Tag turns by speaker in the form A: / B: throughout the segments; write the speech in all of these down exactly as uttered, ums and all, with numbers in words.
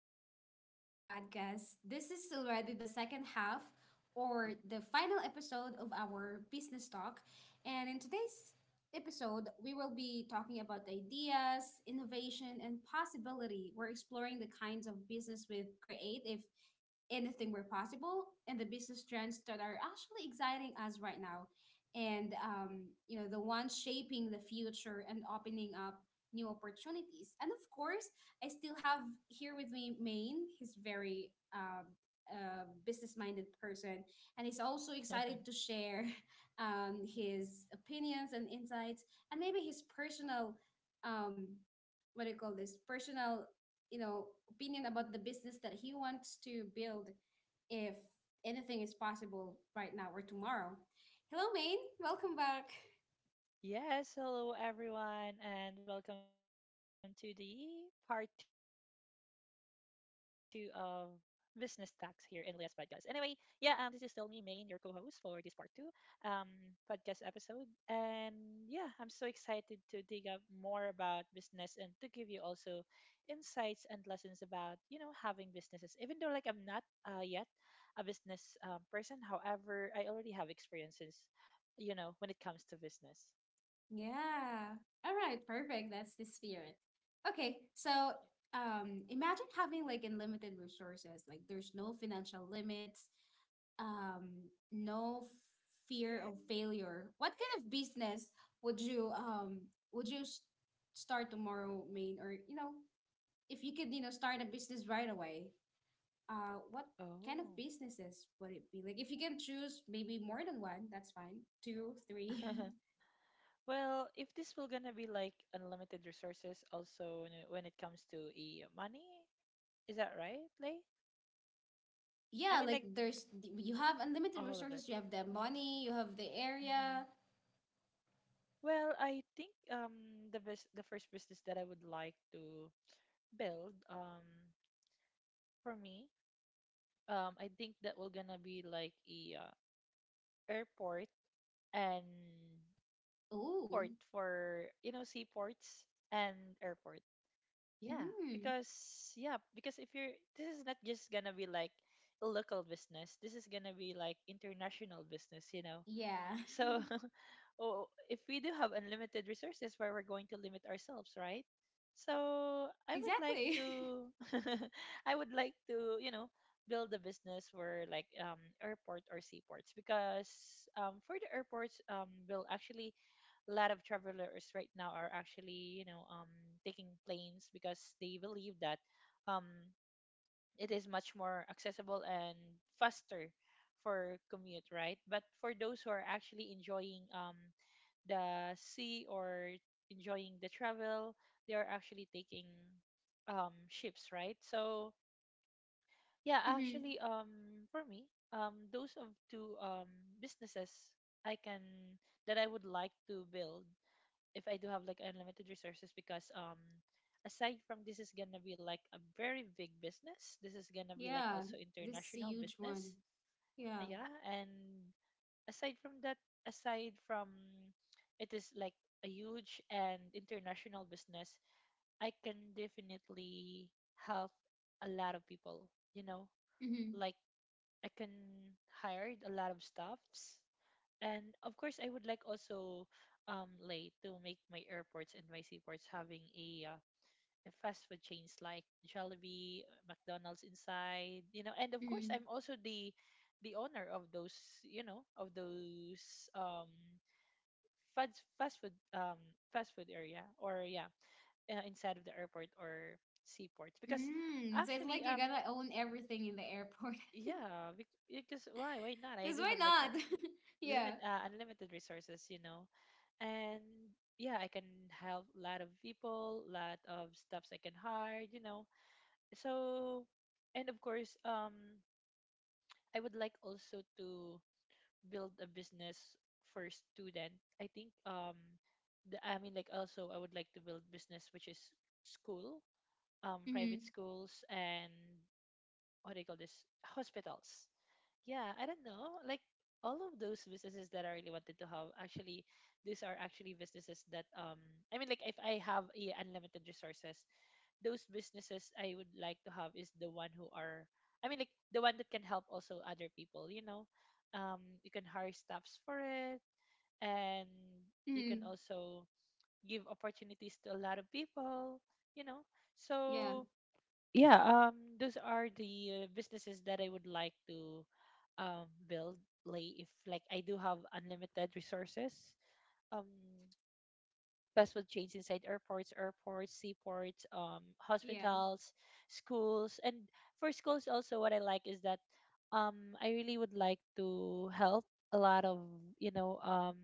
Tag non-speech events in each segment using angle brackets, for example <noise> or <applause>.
A: welcome back to the podcast. This is already the second half or the final episode of our business talk. And in today's episode, we will be talking about ideas, innovation, and possibility. We're exploring the kinds of business we create if anything were possible and the business trends that are actually exciting us right now and um, you know the ones shaping the future and opening up new opportunities, and of course I still have here with me Maine. He's very um, uh, business-minded person, and he's also excited to share <laughs> um, his opinions and insights, and maybe his personal, um, what do you call this? Personal, you know, opinion about the business that he wants to build, if anything is possible right now or tomorrow. Hello, Maine. Welcome back.
B: Yes, hello everyone, and welcome to the part two of Business Tax here in Leah's podcast. Anyway, yeah, um, this is still me, Main, your co-host for this part two, um, podcast episode, and yeah, I'm so excited to dig up more about business and to give you also insights and lessons about you know having businesses. Even though like I'm not uh, yet a business um, person. However, I already have experiences you know when it comes to business.
A: Yeah. All right. Perfect. That's the spirit. Okay. So, um, imagine having like unlimited resources. Like, there's no financial limits. Um, no f- Fear of failure. What kind of business would you um would you s- start tomorrow, Main? Or you know, if you could, you know, start a business right away. Uh, what kind of
B: Oh.
A: businesses would it be? Like, if you can choose maybe more than one, that's fine. Two, three.
B: <laughs> Well, if this will gonna be like unlimited resources also when it when it comes to e money, is that right, Lay? I
A: Yeah,
B: mean like
A: like there's, you have unlimited
B: all of it.
A: resources, you have the money, you have the
B: hmm
A: area.
B: Well, I think um the bus the first business that I would like to build um for me, um I think that will gonna be like a uh, airport and
A: Ooh.
B: port for you know seaports and airport. Yeah,
A: Mm-hmm.
B: because yeah, because if you're this is not just gonna be like a local business. This is gonna be like international business, you know.
A: Yeah. <laughs>
B: So <laughs> oh, if we do have unlimited resources, where we're going to limit ourselves, right? So I would like
A: Exactly.
B: to, <laughs> I would like to, you know, build a business where like um airport or seaports because um for the airports um will actually a lot of travelers right now are actually, you know, um, taking planes because they believe that um, it is much more accessible and faster for commute, right? But for those who are actually enjoying um, the sea or enjoying the travel, they are actually taking um, ships, right? So yeah,
A: <laughs> Hmm.
B: actually, um, for me, um, those of two um, businesses I can that I would like to build if I do have like unlimited resources because um aside from this is gonna be like a very big business, this is gonna be like
A: Yeah,
B: also
A: this is a
B: international
A: huge one.
B: business.
A: Yeah.
B: Yeah, and aside from that, aside from it is like a huge and international business, I can definitely help a lot of people, you know?
A: Hmm.
B: Like I can hire a lot of staffs, and of course I would like also um like to make my airports and my seaports having a uh, a fast food chains like Jollibee, uh, McDonald's inside, you know, and of course
A: Hmm.
B: I'm also the the owner of those, you know, of those um fast fast food um fast food area or yeah, uh, inside of the airport or seaports. because
A: Mm, so it's
B: actually
A: like you
B: um
A: gotta own everything in the airport.
B: yeah bec- because why why not?
A: <laughs>
B: I
A: Because
B: do
A: why
B: have like a
A: not? <laughs>
B: limit
A: Yeah.
B: uh, unlimited resources, you know. And yeah, I can help a lot of people, lot of stuffs I can hire, you know. So, and of course, um I would like also to build a business for student. I think um the, I mean like also I would like to build business which is school, um
A: Hmm.
B: private schools, and what do you call this, hospitals. Yeah, I don't know. Like all of those businesses that I really wanted to have, actually, these are actually businesses that um, I mean, like if I have yeah, unlimited resources, those businesses I would like to have is the one who are, I mean, like the one that can help also other people. You know, um, you can hire staffs for it, and you can
A: Hmm.
B: also give opportunities to a lot of people. You know,
A: Yeah.
B: so yeah, um, those are the uh, businesses that I would like to um, build. Like if like I do have unlimited resources, um, fast food chains inside airports, airports, seaports, um,
A: Yeah.
B: hospitals, schools, and for schools also what I like is that um, I really would like to help a lot of you know um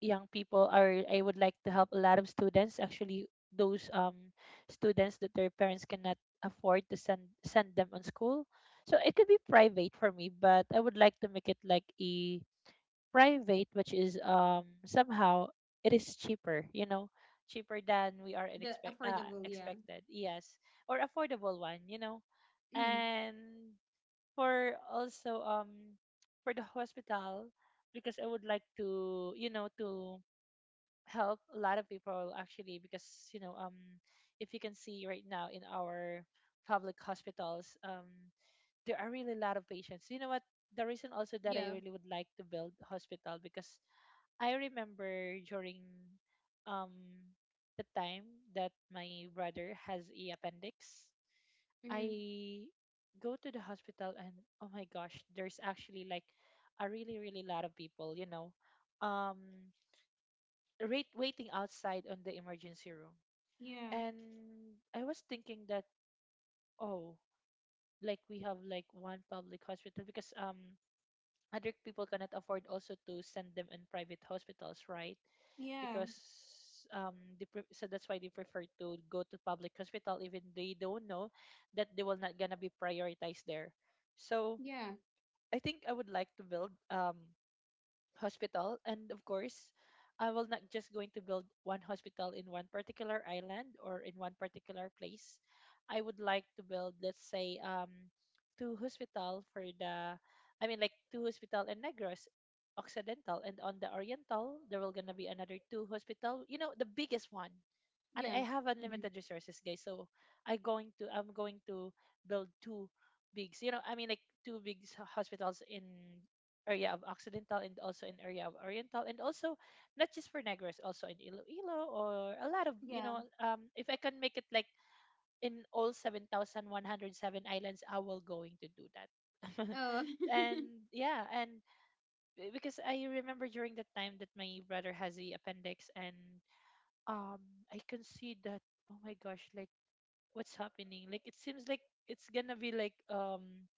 B: young people, or I would like to help a lot of students. Actually, those um students that their parents cannot afford to send send them on school, so it could be private for me, but I would like to make it like a private which is um somehow it is cheaper, you know, cheaper than we are in
A: The
B: expect uh,
A: affordable, yeah.
B: expected, yes, or affordable one, you know.
A: Hmm.
B: And for also um for the hospital, because I would like to, you know, to help a lot of people, actually, because, you know, um if you can see right now in our public hospitals, um there are really a lot of patients, you know what, the reason also that I
A: Yeah.
B: really would like to build hospital, because I remember during um the time that my brother has a appendix,
A: Hmm.
B: I go to the hospital and, oh my gosh, there's actually like a really really lot of people, you know, um rate waiting outside on the emergency room.
A: Yeah.
B: And I was thinking that, oh, like we have like one public hospital because um other people cannot afford also to send them in private hospitals, right?
A: Yeah.
B: Because um they pre- so that's why they prefer to go to public hospital, even they don't know that they will not gonna be prioritized there. So
A: Yeah.
B: I think I would like to build um hospital, and of course I will not just going to build one hospital in one particular island or in one particular place. I would like to build, let's say, um two hospital for the, I mean like two hospital in Negros Occidental, and on the Oriental there will gonna be another two hospital, you know, the biggest one. And
A: Yeah.
B: I have
A: Hmm.
B: unlimited resources, guys. So I going to, I'm going to build two bigs, you know, I mean like two big s- hospitals in area of Occidental and also in area of Oriental, and also not just for Negros, also in Iloilo, or a lot of, you
A: Yeah.
B: know, um, if I can make it like in all seven thousand one hundred seven islands, I will going to do that. <laughs>
A: Oh.
B: And
A: <laughs>
B: yeah, and b- because I remember during that time that my brother has the appendix, and um I can see that, oh my gosh, like what's happening, like it seems like it's gonna be like um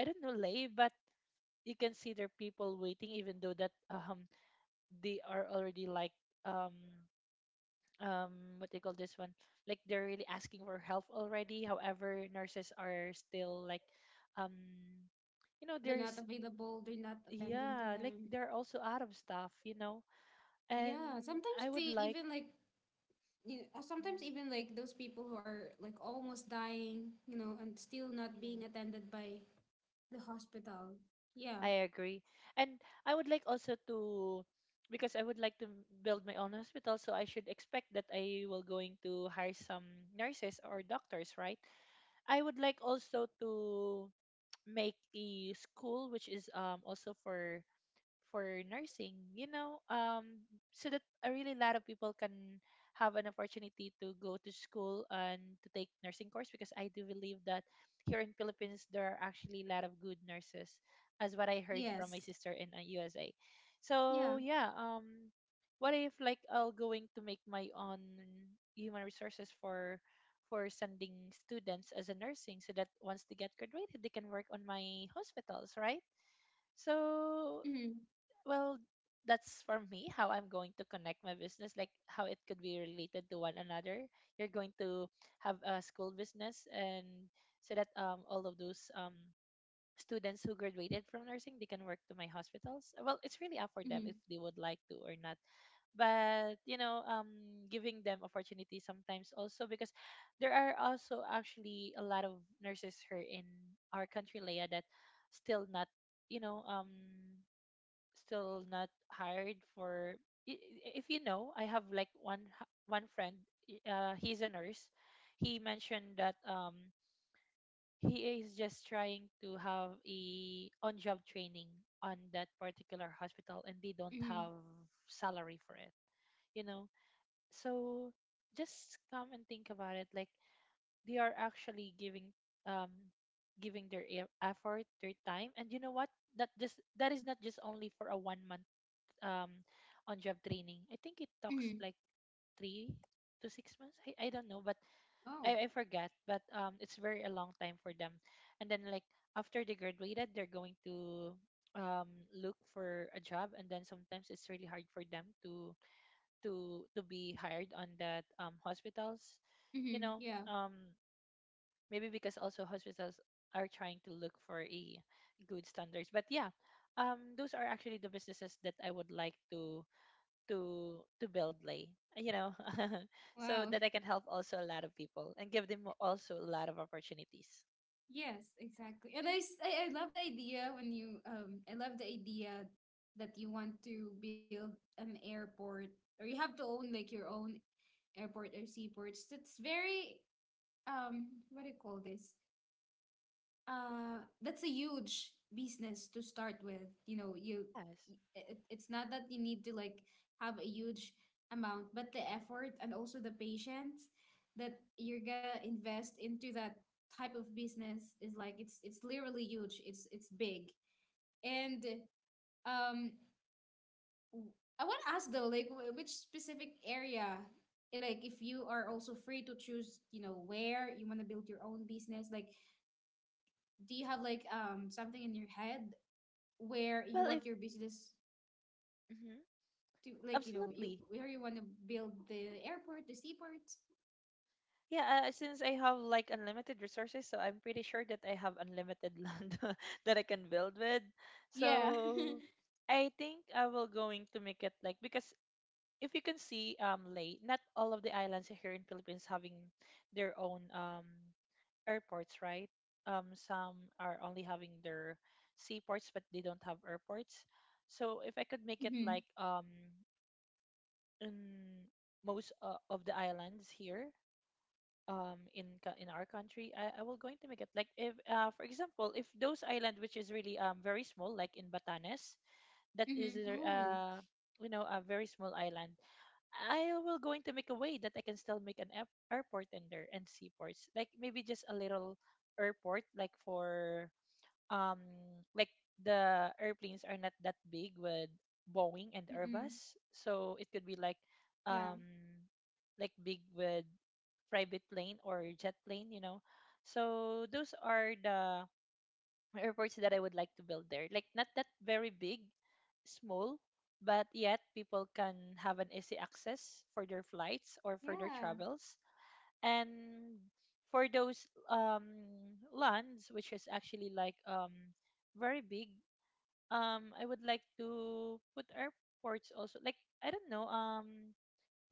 B: I don't know, late, but you can see there are people waiting, even though that um they are already like um um what they call this one, like they're really asking for help already, however nurses are still like um you know,
A: They're not
B: there's,
A: available. They're not attending to
B: yeah, like
A: them.
B: they're also out of stuff, you know.
A: Yeah,
B: And
A: sometimes
B: I would
A: they
B: like,
A: even like, you know, uh, sometimes even like those people who are like almost dying, you know, and still not being
B: mhm.
A: attended by the hospital. Yeah.
B: I agree. And I would like also to, because I would like to m- build my own hospital, so I should expect that I will going to hire some nurses or doctors, right? I would like also to <tsk> make a school which is um also for for nursing, you know, um, so that a really lot of people can have an opportunity to go to school and to take nursing course, because I do believe that here in Philippines there are actually a lot of good nurses, as what I heard from my
A: Yes.
B: sister in uh, U S A.
A: Yeah.
B: So yeah, um, what if like I'll going to make my own human resources for for sending students as a nursing, so that once they get graduated they can work on my hospitals, right? So
A: Mhm.
B: well, that's for me how I'm going to connect my business, like how it could be related to one another. You're going to have a school business, and so that um, all of those um, students who graduated from nursing, they can work to my hospitals. Well, it's really up for them
A: Mhm.
B: if they would like to or not, but you know, um, giving them opportunity sometimes also, because there are also actually a lot of nurses here in our country, Leia, that still not, you know, um still not hired for, i- i- if you know, I have like one h- one friend, i- uh, he's a nurse. He mentioned that um he is just trying to have a, on job training on that particular hospital, and they don't
A: Mhm.
B: have salary for it, you know. So just come and think about it, like they are actually giving um giving their e- effort, their time, and you know what, that just that is not just only for a one month um, on job training. I think it talks
A: Mhm.
B: like three to six months. I, I don't know, but
A: Oh.
B: I, I forgot. But um, it's very a long time for them. And then like after they graduated, they're going to um, look for a job, and then sometimes it's really hard for them to to to be hired on that um, hospitals. You
A: Mhm.
B: know,
A: Yeah.
B: um, maybe because also hospitals are trying to look for a good standards. But yeah, um, those are actually the businesses that I would like to to to build, lay, you know. <laughs> So
A: Wow. <laughs>
B: that I can help also a lot of people and give them also a lot of opportunities.
A: Yes, exactly. And I, s- I I love the idea when you um I love the idea that you want to build an airport or you have to own like your own airport or seaports. That's very um what do you call this? Uh, that's a huge business to start with. You know, you
B: Yes.
A: it, it's not that you need to like have a huge amount, but the effort and also the patience that you're gonna invest into that type of business is like, it's it's literally huge. It's it's big. And um I want to ask though, like, wh- which specific area, eh, like, if you are also free to choose, you know, where you want to build your own business, like, do you have like um something in your head where you
B: Well, if
A: want your business
B: mhm,
A: to, like, you know, you
B: absolutely,
A: where you want to build the airport, the seaport?
B: yeah, uh, since I have like unlimited resources, so I'm pretty sure that I have unlimited land <laughs> that I can build with.
A: Yeah. <laughs>
B: So I think I will going to make it like, because if you can see, um, lay, not all of the islands here in Philippines having their own, um, airports, right? Um, some are only having their seaports, but they don't have airports. So if I could make it
A: Mm-hmm.
B: like um in most uh, of the islands here um in co- in our country, I, I will going to make it like if uh for example if those island which is really um very small like in Batanes, that is
A: Mm-hmm.
B: a-
A: Oh.
B: uh, you know, a very small island. I will going to make a way that I can still make an air- airport in there and seaports. Like maybe just a little airport, like for um, like, the airplanes are not that big with Boeing and
A: Mm-mm.
B: Airbus, so it could be like
A: Yeah.
B: um like big with private plane or jet plane, you know. So those are the airports that I would like to build there. Like not that very big, small, but yet people can have an easy access for their flights or for their
A: Yeah.
B: travels. And for those um, lands, which is actually like um, very big, um, I would like to put airports also. Like I don't know, um,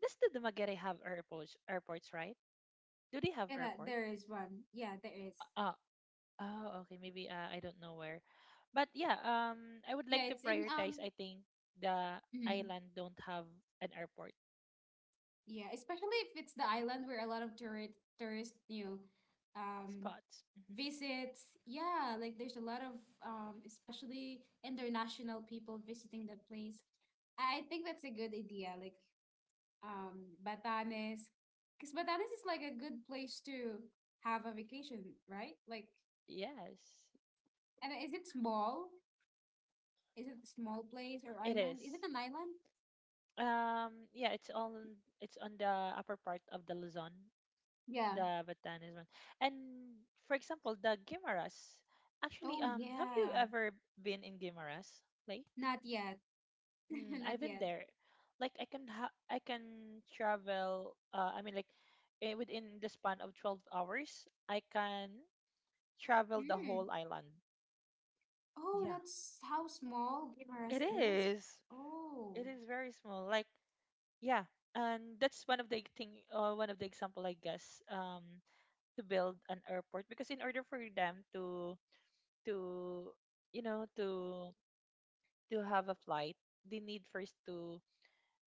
B: does the Dumaguete have airports? Airports, right? Do they have
A: Yeah, that,
B: airport?
A: there is one. Yeah, there is.
B: Uh, Oh, okay. Maybe uh, I don't know where. But yeah, um, I would
A: Yeah,
B: like to
A: it's in
B: prioritize.
A: um.
B: I think the
A: Mhm.
B: island don't have an airport
A: Yeah, especially if it's the island where a lot of tourist tourists, you know, um,
B: spots. Hmm.
A: visits. Yeah, like there's a lot of um, especially international people visiting that place. I think that's a good idea, like, um, Batanes, because Batanes is like a good place to have a vacation, right? Like,
B: Yes,
A: and is it small? Is it a small place or
B: it
A: island? Is
B: is.
A: it an island?
B: Um, yeah, it's on it's on the upper part of the Luzon,
A: Yeah.
B: the Batanes one. And for example, the Guimaras. Actually,
A: Oh
B: um, have you
A: yeah.
B: ever been in Guimaras, Lay?
A: Not yet. <laughs>
B: Mm, I've
A: Not
B: been
A: yet.
B: there. Like I can ha I can travel uh I mean like eh, within the span of twelve hours, I can travel the
A: Hmm.
B: whole island.
A: Oh,
B: Yeah.
A: that's how small
B: It
A: Giberas is.
B: is.
A: Oh,
B: It is very small. Like yeah. And that's one of the thing uh, one of the example I guess um to build an airport because in order for them to to you know to to have a flight, they need first to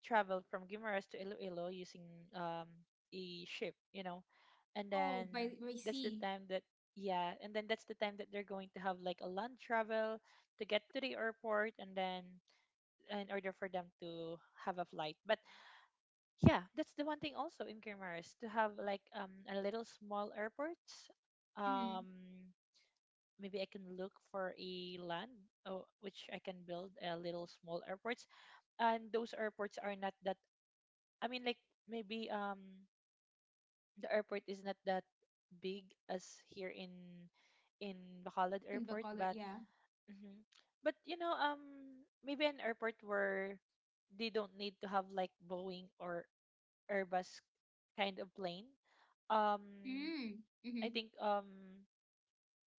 B: traveled from Guimaras to Iloilo using um a ship, you know. And
A: oh,
B: then
A: by by
B: that's the
A: sea.
B: time that yeah, and then that's the time that they're going to have like a land travel to get to the airport and then in order for them to have a flight. But yeah, that's the one thing also in Guimaras to have like um a little small airport. Um,
A: Mm,
B: maybe I can look for a land uh, which I can build a little small airports, and those airports are not that, I mean, like maybe um the airport is not that big as here in in Bacolod
A: in
B: Airport,
A: Bacolod,
B: but
A: yeah.
B: mhm, but you know um maybe an airport where they don't need to have like Boeing or Airbus kind of plane. Um,
A: Mm,
B: I
A: mm-hmm.
B: think um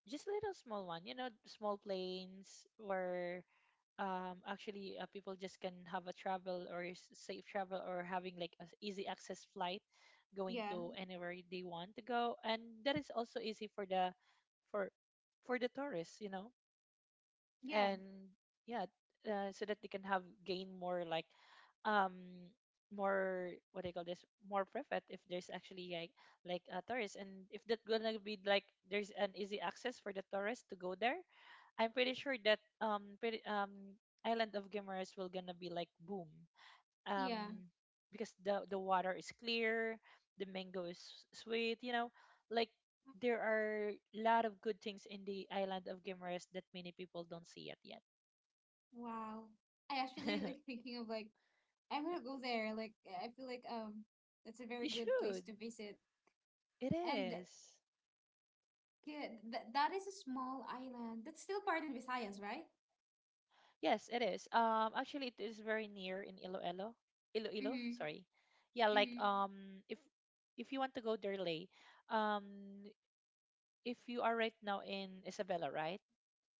B: just little small one, you know, small planes where um actually uh, people just can have a travel or s- safe travel or having like an easy access flight going
A: Yeah,
B: to anywhere they want to go and that is also easy for the for for the tourists, you know.
A: yeah,
B: And yeah, uh, so that they can have gain more like um more what do you call this, more profit if there's actually like like a tourist and if that gonna be like there's an easy access for the tourists to go there. I'm pretty sure that um pretty, um Island of Gamers will gonna be like boom.
A: yeah.
B: Um, because the the water is clear, the mango is s- sweet, you know. Like there are a lot of good things in the Island of Gamers that many people don't see it yet.
A: Wow. I actually like
B: <laughs>
A: thinking of like, I'm
B: Yeah.
A: gonna go there. Like I feel like um that's a
B: You
A: very good place
B: should.
A: to visit.
B: It
A: And
B: is.
A: yeah, th that is a small island. That's still part in Visayas, right?
B: Yes, it is. Um, actually it is very near in Iloilo. Iloilo,
A: Mm-hmm.
B: sorry. Yeah, like
A: Mm-hmm.
B: um if if you want to go there, late, um if you are right now in Isabela, right?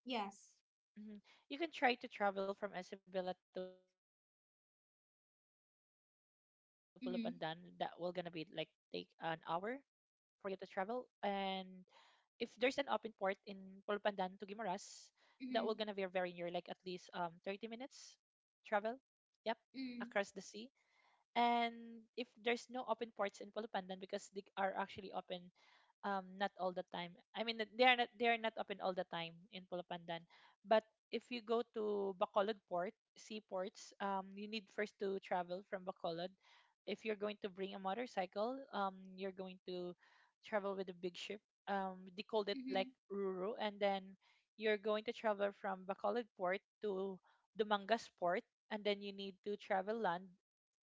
A: Yes.
B: Hmm. You can try to travel from Isabela to Pulupandan. That will gonna be like take an hour
A: Mm-hmm.
B: for you to travel. And if there's an open port in Pulupandan to Guimaras, that will gonna be very near, like at
A: Mm-hmm.
B: least um thirty minutes travel. Yep, across the
A: Mm-hmm.
B: sea. And if there's no open ports in Pulupandan because they are actually open um not all the time, I mean, they are not they are not open all the time in Pulapandan, but if you go to Bacolod port seaports um you need first to travel from Bacolod if you're going to bring a motorcycle um you're going to travel with a big ship, um they called it like
A: Mm-hmm.
B: Ruru, and then you're going to travel from Bacolod port to Dumangas port and then you need to travel land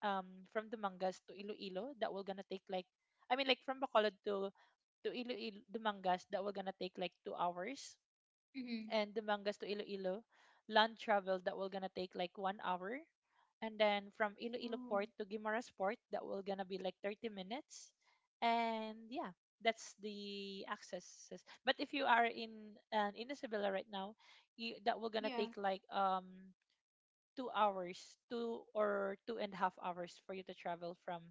B: um from Dumangas to Iloilo that will gonna take like, I mean like, from Bacolod to to Iloilo, Dumangas that will gonna take like two hours,
A: Mm-hmm.
B: and Dumangas to Iloilo, land travel that will gonna take like one hour, and then from Iloilo
A: Oh,
B: Port to Guimaras Port that will gonna be like thirty minutes, and yeah, that's the accesses. But if you are in uh, in Isabela right now, you, that will gonna
A: yeah.
B: take like um two hours, two or two and a half hours for you to travel from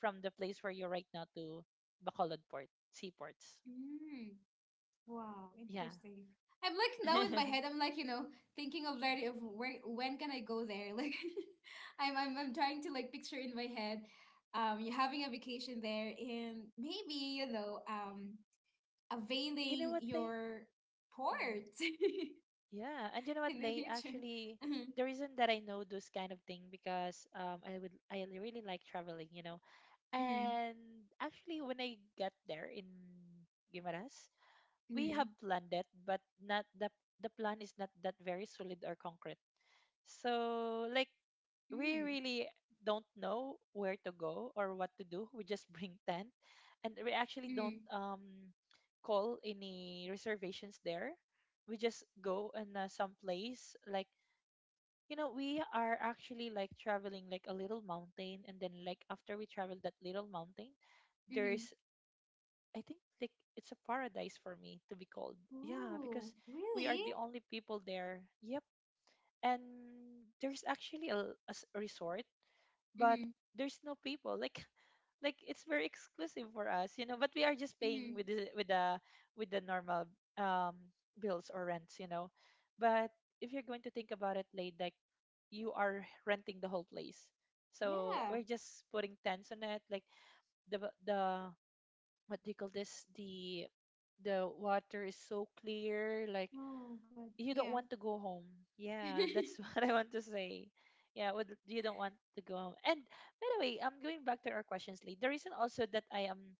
B: from the place where you're right now to Bacolod Port, seaports.
A: Mm, wow,
B: Yeah.
A: interesting. I'm like, now in my head,
B: <laughs>
A: I'm like, you know, thinking of Larry of where, when can I go there? <laughs> Like, I'm I'm I'm trying to like picture in my head um you having a vacation there and maybe, you know, um
B: You know
A: availing
B: what, Lay?
A: your
B: Hmm.
A: port <laughs>
B: Yeah, and you know what,
A: in the
B: Lay?
A: future.
B: Actually,
A: Mhm,
B: the reason that I know those kind of thing because um, I would I really like traveling, you know.
A: mhm,
B: And actually, when I got there in Guimaras, we have
A: mhm,
B: planned it, but not the the plan is not that very solid or concrete. So like we
A: mhm,
B: really don't know where to go or what to do. We just <laughs> bring tent, and we actually don't
A: mhm,
B: um call any reservations there. We just go in uh, some place like, you know, we are actually like traveling like a little mountain, and then like after we travel that little mountain,
A: mhm.
B: there's, I think like, it's a paradise for me to be called. Yeah, because
A: Ooh,
B: we are
A: really?
B: the only people there. Yep. And there's actually a, a s- resort, but
A: Mm-hmm,
B: there's no people like <laughs> like it's very exclusive for us, you know, but we are just paying with
A: mm-hmm.
B: the with the with the normal um bills or rents, you know. But if you're going to think about it, late, like you are renting the whole place, so
A: Yeah.
B: we're just putting tents on it, like the the what do you call this, the the water is so clear, like
A: Oh, good.
B: you don't
A: Yeah.
B: want to go home. Yeah, that's <laughs>
A: <laughs>
B: what I want to say. Yeah, would you don't want to go home. And by the way, I'm going back to our questions, Lee. The reason also that I am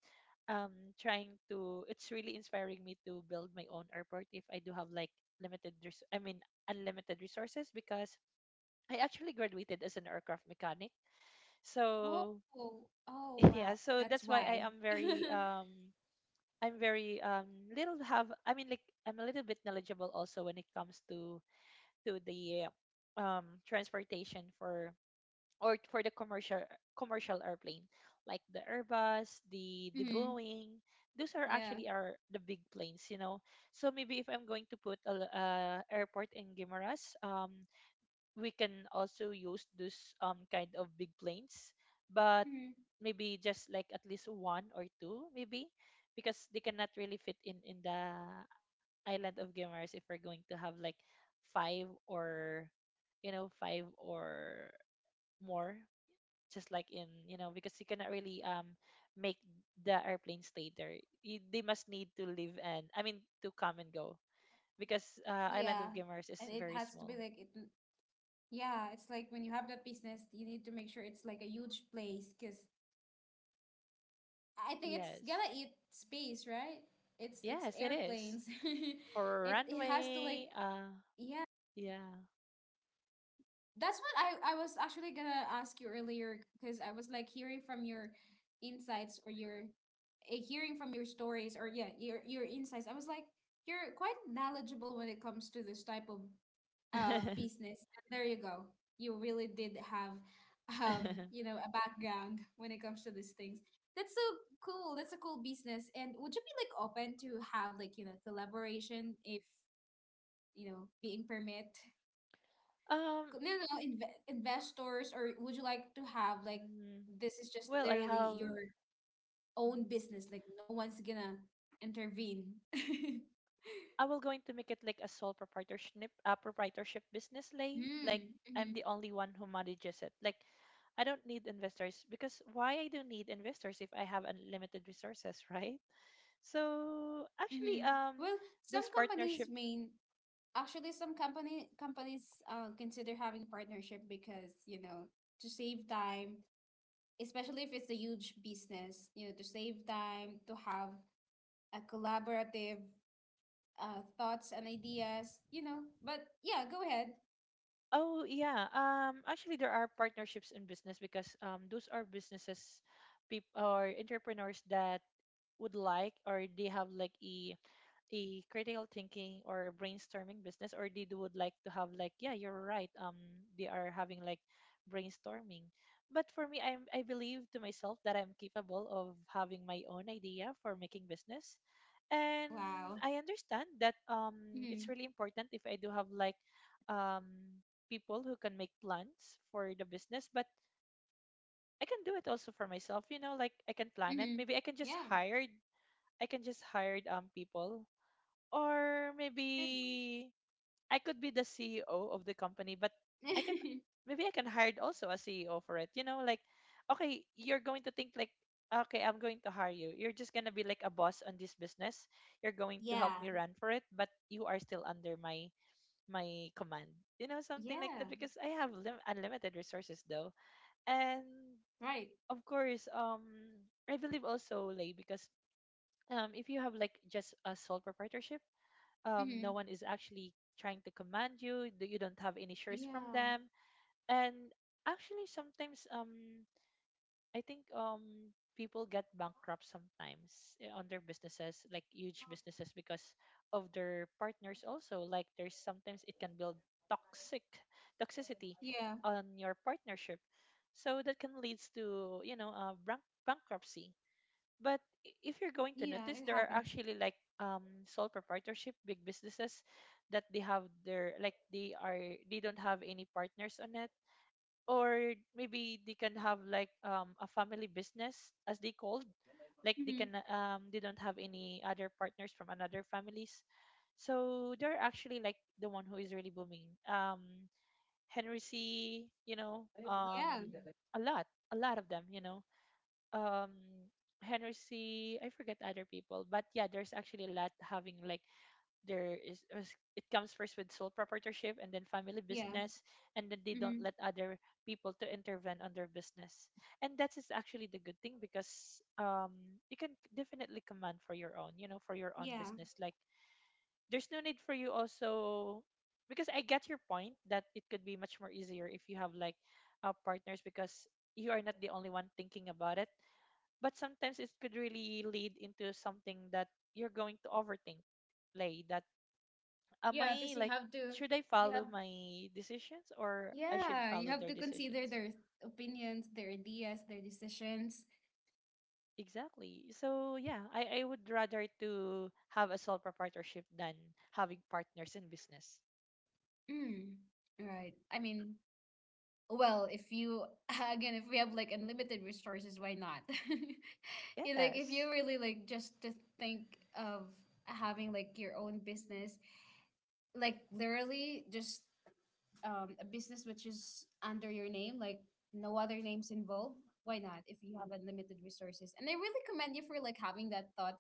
B: um trying to, it's really inspiring me to build my own airport if I do have like limited res- I mean unlimited resources because I actually graduated as an aircraft mechanic.
A: Oh,
B: So
A: oh, oh,
B: <laughs>
A: wow.
B: yeah, so
A: That's
B: that's why
A: why.
B: I am very
A: <laughs>
B: um I'm very um little have I mean like I'm a little bit knowledgeable also when it comes to to the um, transportation for or for the commercial commercial airplane like the Airbus, the the
A: Mm,
B: Boeing. Those are
A: yeah.
B: actually are the big planes, you know. So maybe if I'm going to put a l- uh, airport in Guimaras, um, we can also use those um kind of big planes, but
A: Mm,
B: maybe just like at least one or two maybe because they cannot really fit in in the island of gamers. If we're going to have like five or, you know, five or more, just like in, you know, because you cannot really um make the airplane stay there, you, they must need to leave and I mean to come and go because uh,
A: yeah.
B: island of
A: And
B: gamers
A: it
B: is
A: has
B: very
A: to be like
B: small.
A: it l- yeah, it's like when you have that business, you need to make sure it's like a huge place because I think it's
B: Yes.
A: gonna eat space, right? It's it's
B: Yes, it is,
A: airplanes. <laughs>
B: for
A: It it has to like,
B: runway. Uh,
A: yeah.
B: yeah.
A: That's what I, I was actually gonna ask you earlier because I was like hearing from your insights or your eh, hearing from your stories, or yeah, your your insights. I was like, you're quite knowledgeable when it comes to this type of uh
B: <laughs>
A: business. And there you go. You really did have um you know, a background when it comes to these things. That's so cool. That's a cool business. And would you be like open to have like, you know, collaboration if you know being permit?
B: Um,
A: You know, inve investors, or would you like to have like,
B: mm,
A: this is just
B: well, I
A: literally
B: have
A: your own
B: mhm.
A: business, like no one's gonna intervene? <laughs>
B: I will going to make it like a sole proprietorship, uh, proprietorship business, lay. Like
A: Mm,
B: I'm
A: mm-hmm,
B: the only one who manages it. Like I don't need investors because why I do not need investors if I have unlimited resources, <laughs> right? So actually,
A: mm-hmm.
B: um,
A: Well, some
B: those
A: companies
B: partnership.
A: mean actually some company companies uh, consider having partnership because you know, to save time, especially if it's a huge business, you know, to save time to have a collaborative uh, thoughts and ideas, you know. But yeah, go ahead.
B: Oh yeah, um, actually there are partnerships in business because um, those are businesses, people or entrepreneurs that would like or they have like a a critical thinking or a brainstorming business or they do would like to have like yeah you're right um they are having like brainstorming. But for me, i'm i believe to myself that I'm capable of having my own idea for making business, and
A: Wow.
B: I understand that um it's
A: Hmm.
B: really important if I do have like um people who can make plans for the business. But I can do it also for myself, you know, like I can plan it.
A: Hmm.
B: Maybe I can just
A: Yeah.
B: hire, I can just hire um people, or
A: Good.
B: maybe I could be the C E O of the company. But I can
A: <laughs>
B: maybe I can hire also a C E O for it. You know, like okay, you're going to think like okay, I'm going to hire you. You're just going to be like a boss on this business. You're going to help
A: Yeah.
B: me run for it, but you are still under my my command. You know, something like
A: Yeah.
B: that, because I have lim- unlimited resources though. And
A: Right.
B: of course, um I believe also like because um, if you have like just a sole proprietorship, um, no
A: Hmm.
B: one is actually trying to command you. th- You don't have any shares from
A: Yeah.
B: them, and actually sometimes, um, I think, um, people get bankrupt sometimes eh, on their businesses, like huge businesses, because of their partners. Also, like there's sometimes it can build toxic toxicity
A: Yeah.
B: on your partnership, so that can leads to, you know, uh, bank- bankruptcy. But i- if you're going to
A: Yeah.
B: notice,
A: It
B: there are
A: happens.
B: actually like um sole proprietorship big businesses that they have their like they are they don't have any partners on it, or maybe they can have like um a family business as they called. Like they
A: Hmm.
B: can um they don't have any other partners from another families. So they're actually like the one who is really booming. Um, Henry C. You know, um
A: Yeah.
B: a lot a lot of them, you know. um Henry C. I forget other people, but yeah, there's actually a lot having like there is is- it comes first with sole proprietorship and then family
A: Yeah.
B: business, and then they don't
A: Hmm.
B: let other people to intervene on their business. And that is actually the good thing, because um you can definitely command for your own, you know, for your own
A: Yeah.
B: business. Like there's no need for you also, because I get your point that it could be much more easier if you have like uh, partners, because you are not the only one thinking about it. But sometimes it could really lead into something that you're going to overthink, like that. Am
A: Yeah.
B: I
A: Because you
B: like,
A: have to,
B: should I
A: you have,
B: follow my decisions, or I should
A: yeah, you
B: follow
A: have
B: their
A: to consider
B: decisions?
A: their opinions, their ideas, their decisions.
B: Exactly, so yeah, i, I would rather to have a sole proprietorship than having partners in business.
A: Mm. Right. I mean, well, if you, <laughs> again, if we have like unlimited resources, why not? <laughs> Yeah, like if
B: Yes.
A: you really like just to think of having like your own business, like literally just um, a business which is under your name, like no other names involved. Why not? If you have unlimited resources, and I really commend you for like having that thought,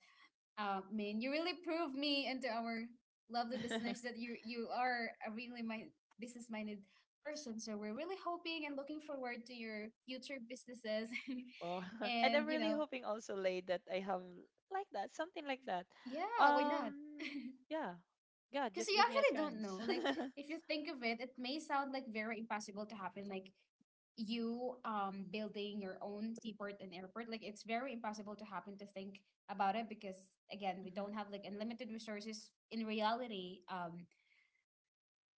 A: uh, Min. You really prove me and to our lovely
B: <laughs>
A: listeners that you you are a really my business minded person. So we're really hoping and looking forward to your future businesses,
B: Oh.
A: <laughs>
B: <laughs> And I'm
A: and you
B: really
A: know,
B: hoping also, Lay, that I have like that, something like that.
A: yeah, why not? <laughs>
B: um yeah, god
A: Because
B: just
A: you
B: give me a
A: actually don't
B: chance.
A: know. Like,
B: <laughs>
A: if you think of it, it may sound like very impossible to happen. Like you um building your own seaport and airport, like it's very impossible to happen to think about it, because again, we
B: Hmm.
A: don't have like unlimited resources in reality. Um,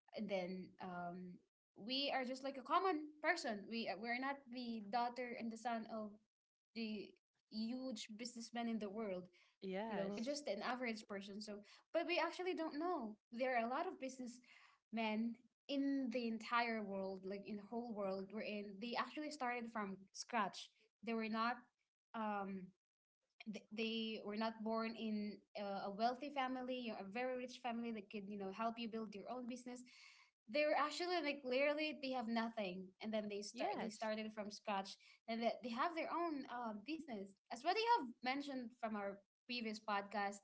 A: And then um, we are just like a common person. We uh, we're not the daughter and the son of the huge businessmen in the world. You know, we're
B: Yes.
A: just an average person. So, but we actually don't know. There are a lot of businessmen in the entire world, like in the whole world we're in. They actually started from scratch. They were not um, th- they were not born in uh, a wealthy family, you know, a very rich family that could you know help you build your own business. They were actually like literally they have nothing, and then they start they
B: Yes,
A: started from scratch, and they, they have their own uh, business, as what you have mentioned from our previous podcast.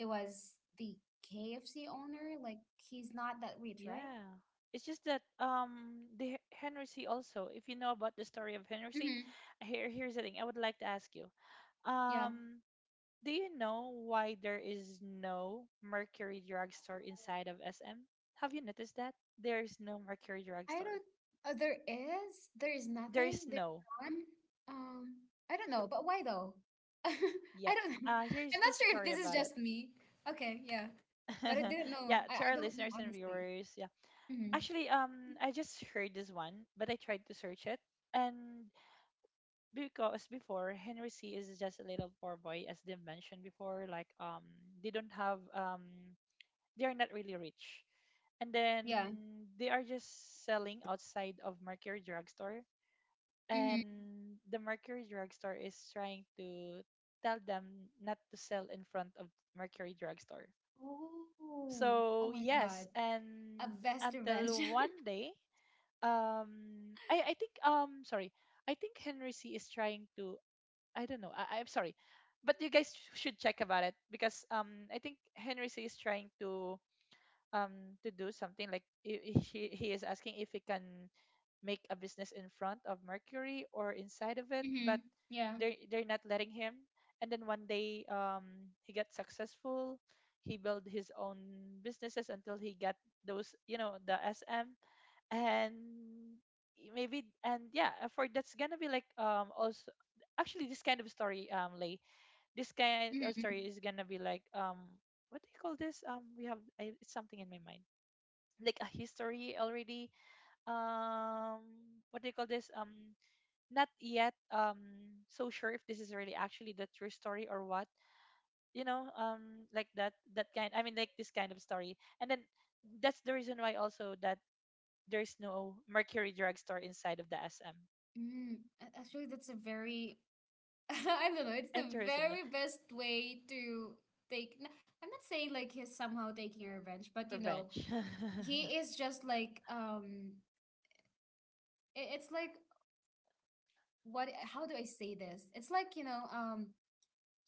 A: It was the KFC owner, like he's not that rich, right?
B: yeah. It's just that um the H- Henry C also, if you know about the story of Henry C,
A: Mm-hmm.
B: here, here's the thing I would like to ask you. Um, do you know why there is no Mercury drugstore inside of S M? Have you noticed that? There is no Mercury
A: I
B: drugstore.
A: don't. Uh, there is. There is
B: There
A: nothing.
B: is
A: There's
B: no.
A: none. Um, I don't know. But why though? <laughs> I
B: Yep.
A: don't know.
B: Uh, here's
A: I'm
B: the
A: not sure if
B: story
A: this is
B: about it.
A: just me. Okay, yeah. But I
B: <laughs>
A: didn't know.
B: Yeah,
A: I,
B: to
A: I
B: our
A: don't know
B: listeners and
A: honestly.
B: viewers, yeah.
A: Mm-hmm.
B: Actually, um, I just heard this one, but I tried to search it, and because before, Henry C is just a little poor boy, as they mentioned before. Like, um, they don't have, um, they are not really rich, and then
A: Yeah.
B: they are just selling outside of Mercury Drugstore,
A: Mm-hmm.
B: and the Mercury Drugstore is trying to tell them not to sell in front of Mercury Drugstore.
A: Oh. Oh
B: So
A: my
B: yes,
A: God. A
B: and
A: best revenge.
B: until one
A: <laughs>
B: day, um, I I think, um, sorry, I think Henry C is trying to, I don't know. I, I'm sorry, but you guys sh- should check about it, because um I think Henry C is trying to um to do something like i- i- he he is asking if he can make a business in front of Mercury or inside of it,
A: Mm-hmm.
B: but
A: Yeah.
B: they they're not letting him. And then one day um he got successful. He built his own businesses until he got those, you know, the S M. And y- maybe and yeah, uh, for that's gonna be like um also actually this kind of story, um Lay, this kind of
A: Mm-hmm.
B: story is gonna be like, um what do you call this, um we have I, it's something in my mind, like a history already. um what do you call this, um not yet, um so sure if this is really actually the true story or what, you know. um like that that kind, I mean, like this kind of story. And then that's the reason why also that there's no Mercury drugstore inside of the S M.
A: Mm. A- Actually, that's a very, <laughs> I don't know, it's the
B: Interesting, yeah.
A: very best way to take. n- I'm not saying like he's somehow taking revenge, but you know,
B: Revenge.
A: he is just like um i- it's like, what, how do I say this? It's like, you know, um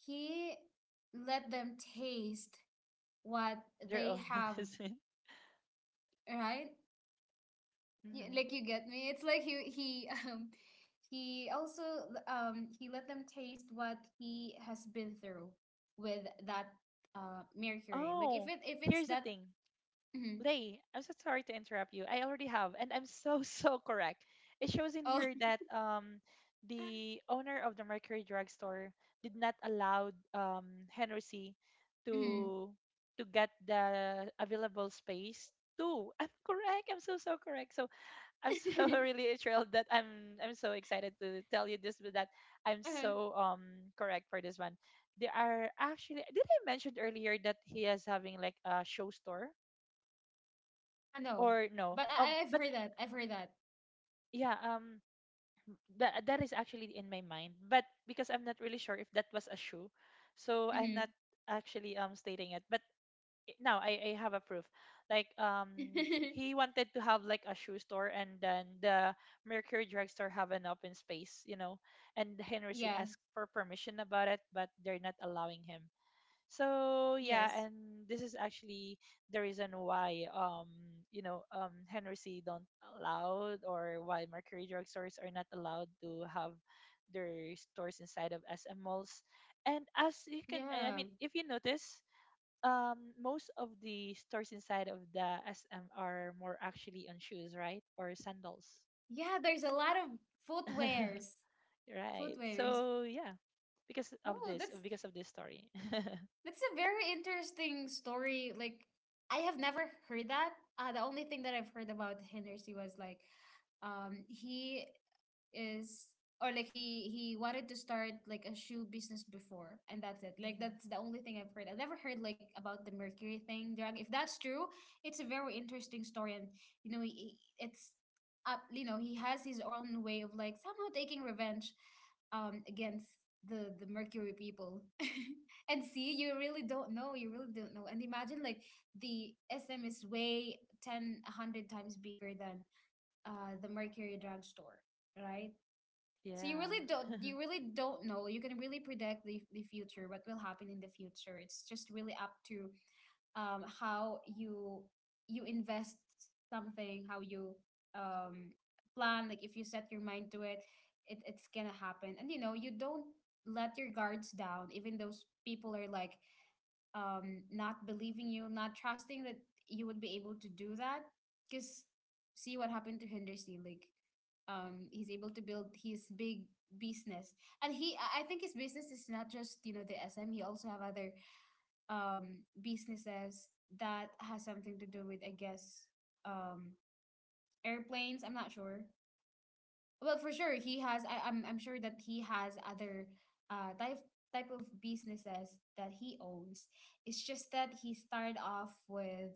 A: he let them taste what
B: <laughs> Their
A: they
B: own
A: have,
B: medicine.
A: right?
B: <laughs>
A: Y-
B: Hmm.
A: Like you get me? It's like he he <laughs> um he also l- um, he let them taste what he has been through with that uh Mercury. Like if
B: Oh,
A: it, if it's
B: here's the
A: that,
B: thing.
A: mhm.
B: Lay, I'm so sorry to interrupt you. I already have, and I'm so, <laughs> so correct. It shows in
A: Oh.
B: here that, um, the owner of the Mercury drugstore did not allow, um, Henry C.
A: <laughs> Mhm.
B: to to get the available space too. <laughs> I'm correct. I'm so so correct. So I'm so <laughs>
A: <laughs>
B: really thrilled that I'm I'm so excited to tell you this, but that I'm
A: Uh,
B: so um correct for this one. There are actually, did I mention earlier that he is having like a show store
A: I know.
B: or no?
A: But
B: Um
A: I, I've
B: but
A: heard that. I've heard that.
B: yeah, um that that is actually in my mind. But because I'm not really sure if that was a shoe, so I'm not
A: Mm-hmm.
B: actually um stating it. But no, I, I have a proof. Like um sh- he
A: <laughs>
B: wanted to have like a shoe store, and then the Mercury drugstore have an open space, you know. And Henry
A: Yeah,
B: asked for permission about it, but they're not allowing him. So
A: yes.
B: yeah, and this is actually the reason why um you know um Henry don't allow, or why Mercury drugstores are not allowed to have their stores inside of S M malls. And as you can,
A: Yeah.
B: I I mean if you notice, um most of the stores inside of the S M are more actually on shoes, right? Or sandals.
A: Yeah, there's a lot of
B: <laughs>
A: footwears.
B: Right.
A: Footwears.
B: So yeah, because of
A: Oh,
B: this,
A: that's
B: because of this story. <laughs>
A: That's a very interesting story. Like, I have never heard that. Uh, the only thing that I've heard about Hennessy was like, um, he is, or like he he wanted to start like a shoe business before, and that's it. Like,
B: Mhm.
A: that's the only thing I've heard. I've never heard like about the mercury thing drug. If that's true, it's a very interesting story, and you know, he, it's up. You know, he has his own way of like somehow taking revenge, um, against the the mercury people. <laughs> And see, you really don't know. You really don't know. And imagine like the S M is way ten, a hundred times bigger than uh, the Mercury drugstore, right? So you
B: Yeah.
A: really don't you
B: <laughs>
A: really don't know. You can really predict the, the future, what will happen in the future. It's just really up to um, how you you invest something, how you um, plan. Like if you set your mind to it, it, it's gonna happen. And you know, you don't let your guards down, even those people are like um, not believing you, not trusting that you would be able to do that. Because see what happened to Henderson. Like, um, he's able to build his big business, and he, I I think his business is not just, you know, the S M. He also have other um businesses that has something to do with, I guess, um airplanes. I'm not sure. Well, for sure, he has. I, I'm I'm sure that he has other uh type type of businesses that he owns. It's just that he started off with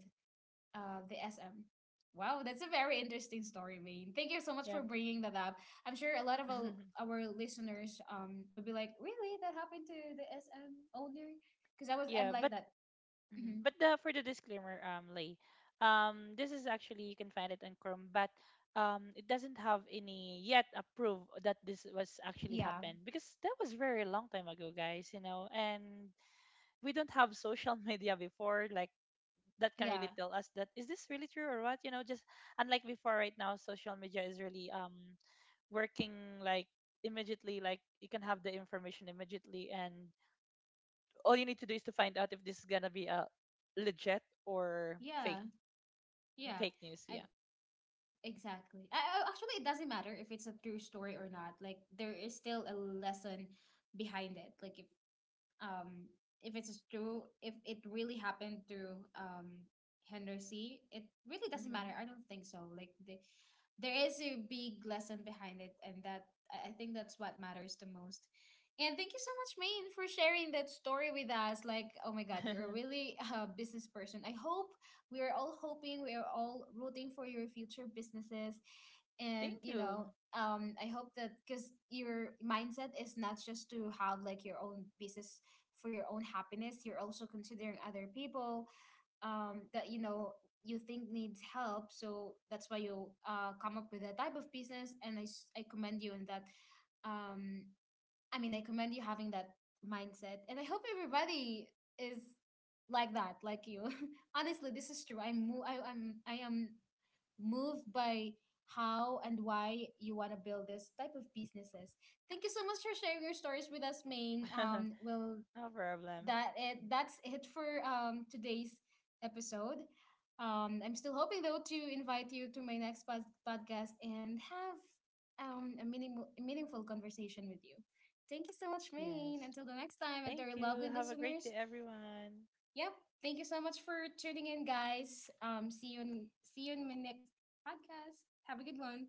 A: uh the S M. Wow, that's a very interesting story, Maine. Thank you so much
B: Yeah.
A: for bringing that up. I'm sure a lot of our,
B: <laughs>
A: our listeners um would be like, really, that happened to the S M owner? Because I was I'm
B: Yeah,
A: like
B: but
A: that.
B: mhm,
A: Mhm.
B: but the, for the disclaimer, um, Lay, um, this is actually you can find it on Chrome, but um, it doesn't have any yet approved that this was actually
A: Yeah,
B: happened, because that was very long time ago, guys. You know, and we don't have social <laughs> media before like that can
A: yeah,
B: really tell us that is this really true or what, you know, just unlike before. Right now social media is really um working like immediately, like you can have the information immediately, and all you need to do is to find out if this is gonna be a legit or fake.
A: yeah, yeah.
B: Fake news,
A: I
B: yeah.
A: Exactly. I, I- actually, it doesn't matter if it's a true story or not. Like there is still a lesson behind it. Like if um, if it's true, if it really happened to, um, Henderson, it really doesn't matter. I don't think so. Like the, there is a big lesson behind it, and that I I think that's what matters the most. And thank you so much, Maine, for sharing that story with us. Like, oh my God, you're a
B: Mm-hmm. <laughs>
A: really <laughs> uh, business person. I hope We are all hoping, we are all rooting for your future businesses and,
B: Thank
A: you
B: you.
A: know, um I hope that because your mindset is not just to have like your own business for your own happiness. You're also considering other people, um, that, you know, you think needs help. So that's why you uh, come up with that type of business. And i, s- I commend you in that. um, I mean, I commend you having that mindset, and I hope everybody is like that, like you. <laughs> Honestly, this is true. I'm mo- I, I'm I am moved by how and why you want to build this type of businesses. Thank you so much for sharing your stories with us, Maine. Um, we'll
B: <laughs> No problem.
A: that it that's it for um today's episode. Um, I'm still hoping though to invite you to my next pod- podcast and have um a meaningful meaningful conversation with you. Thank you so much, Maine.
B: Yes.
A: Until the next time, and to
B: Thank
A: our lovely
B: you. Have a great
A: listeners,
B: day, everyone.
A: yep. Thank you so much for tuning in, guys. Um, see you in see you in my next podcast. Have a good one.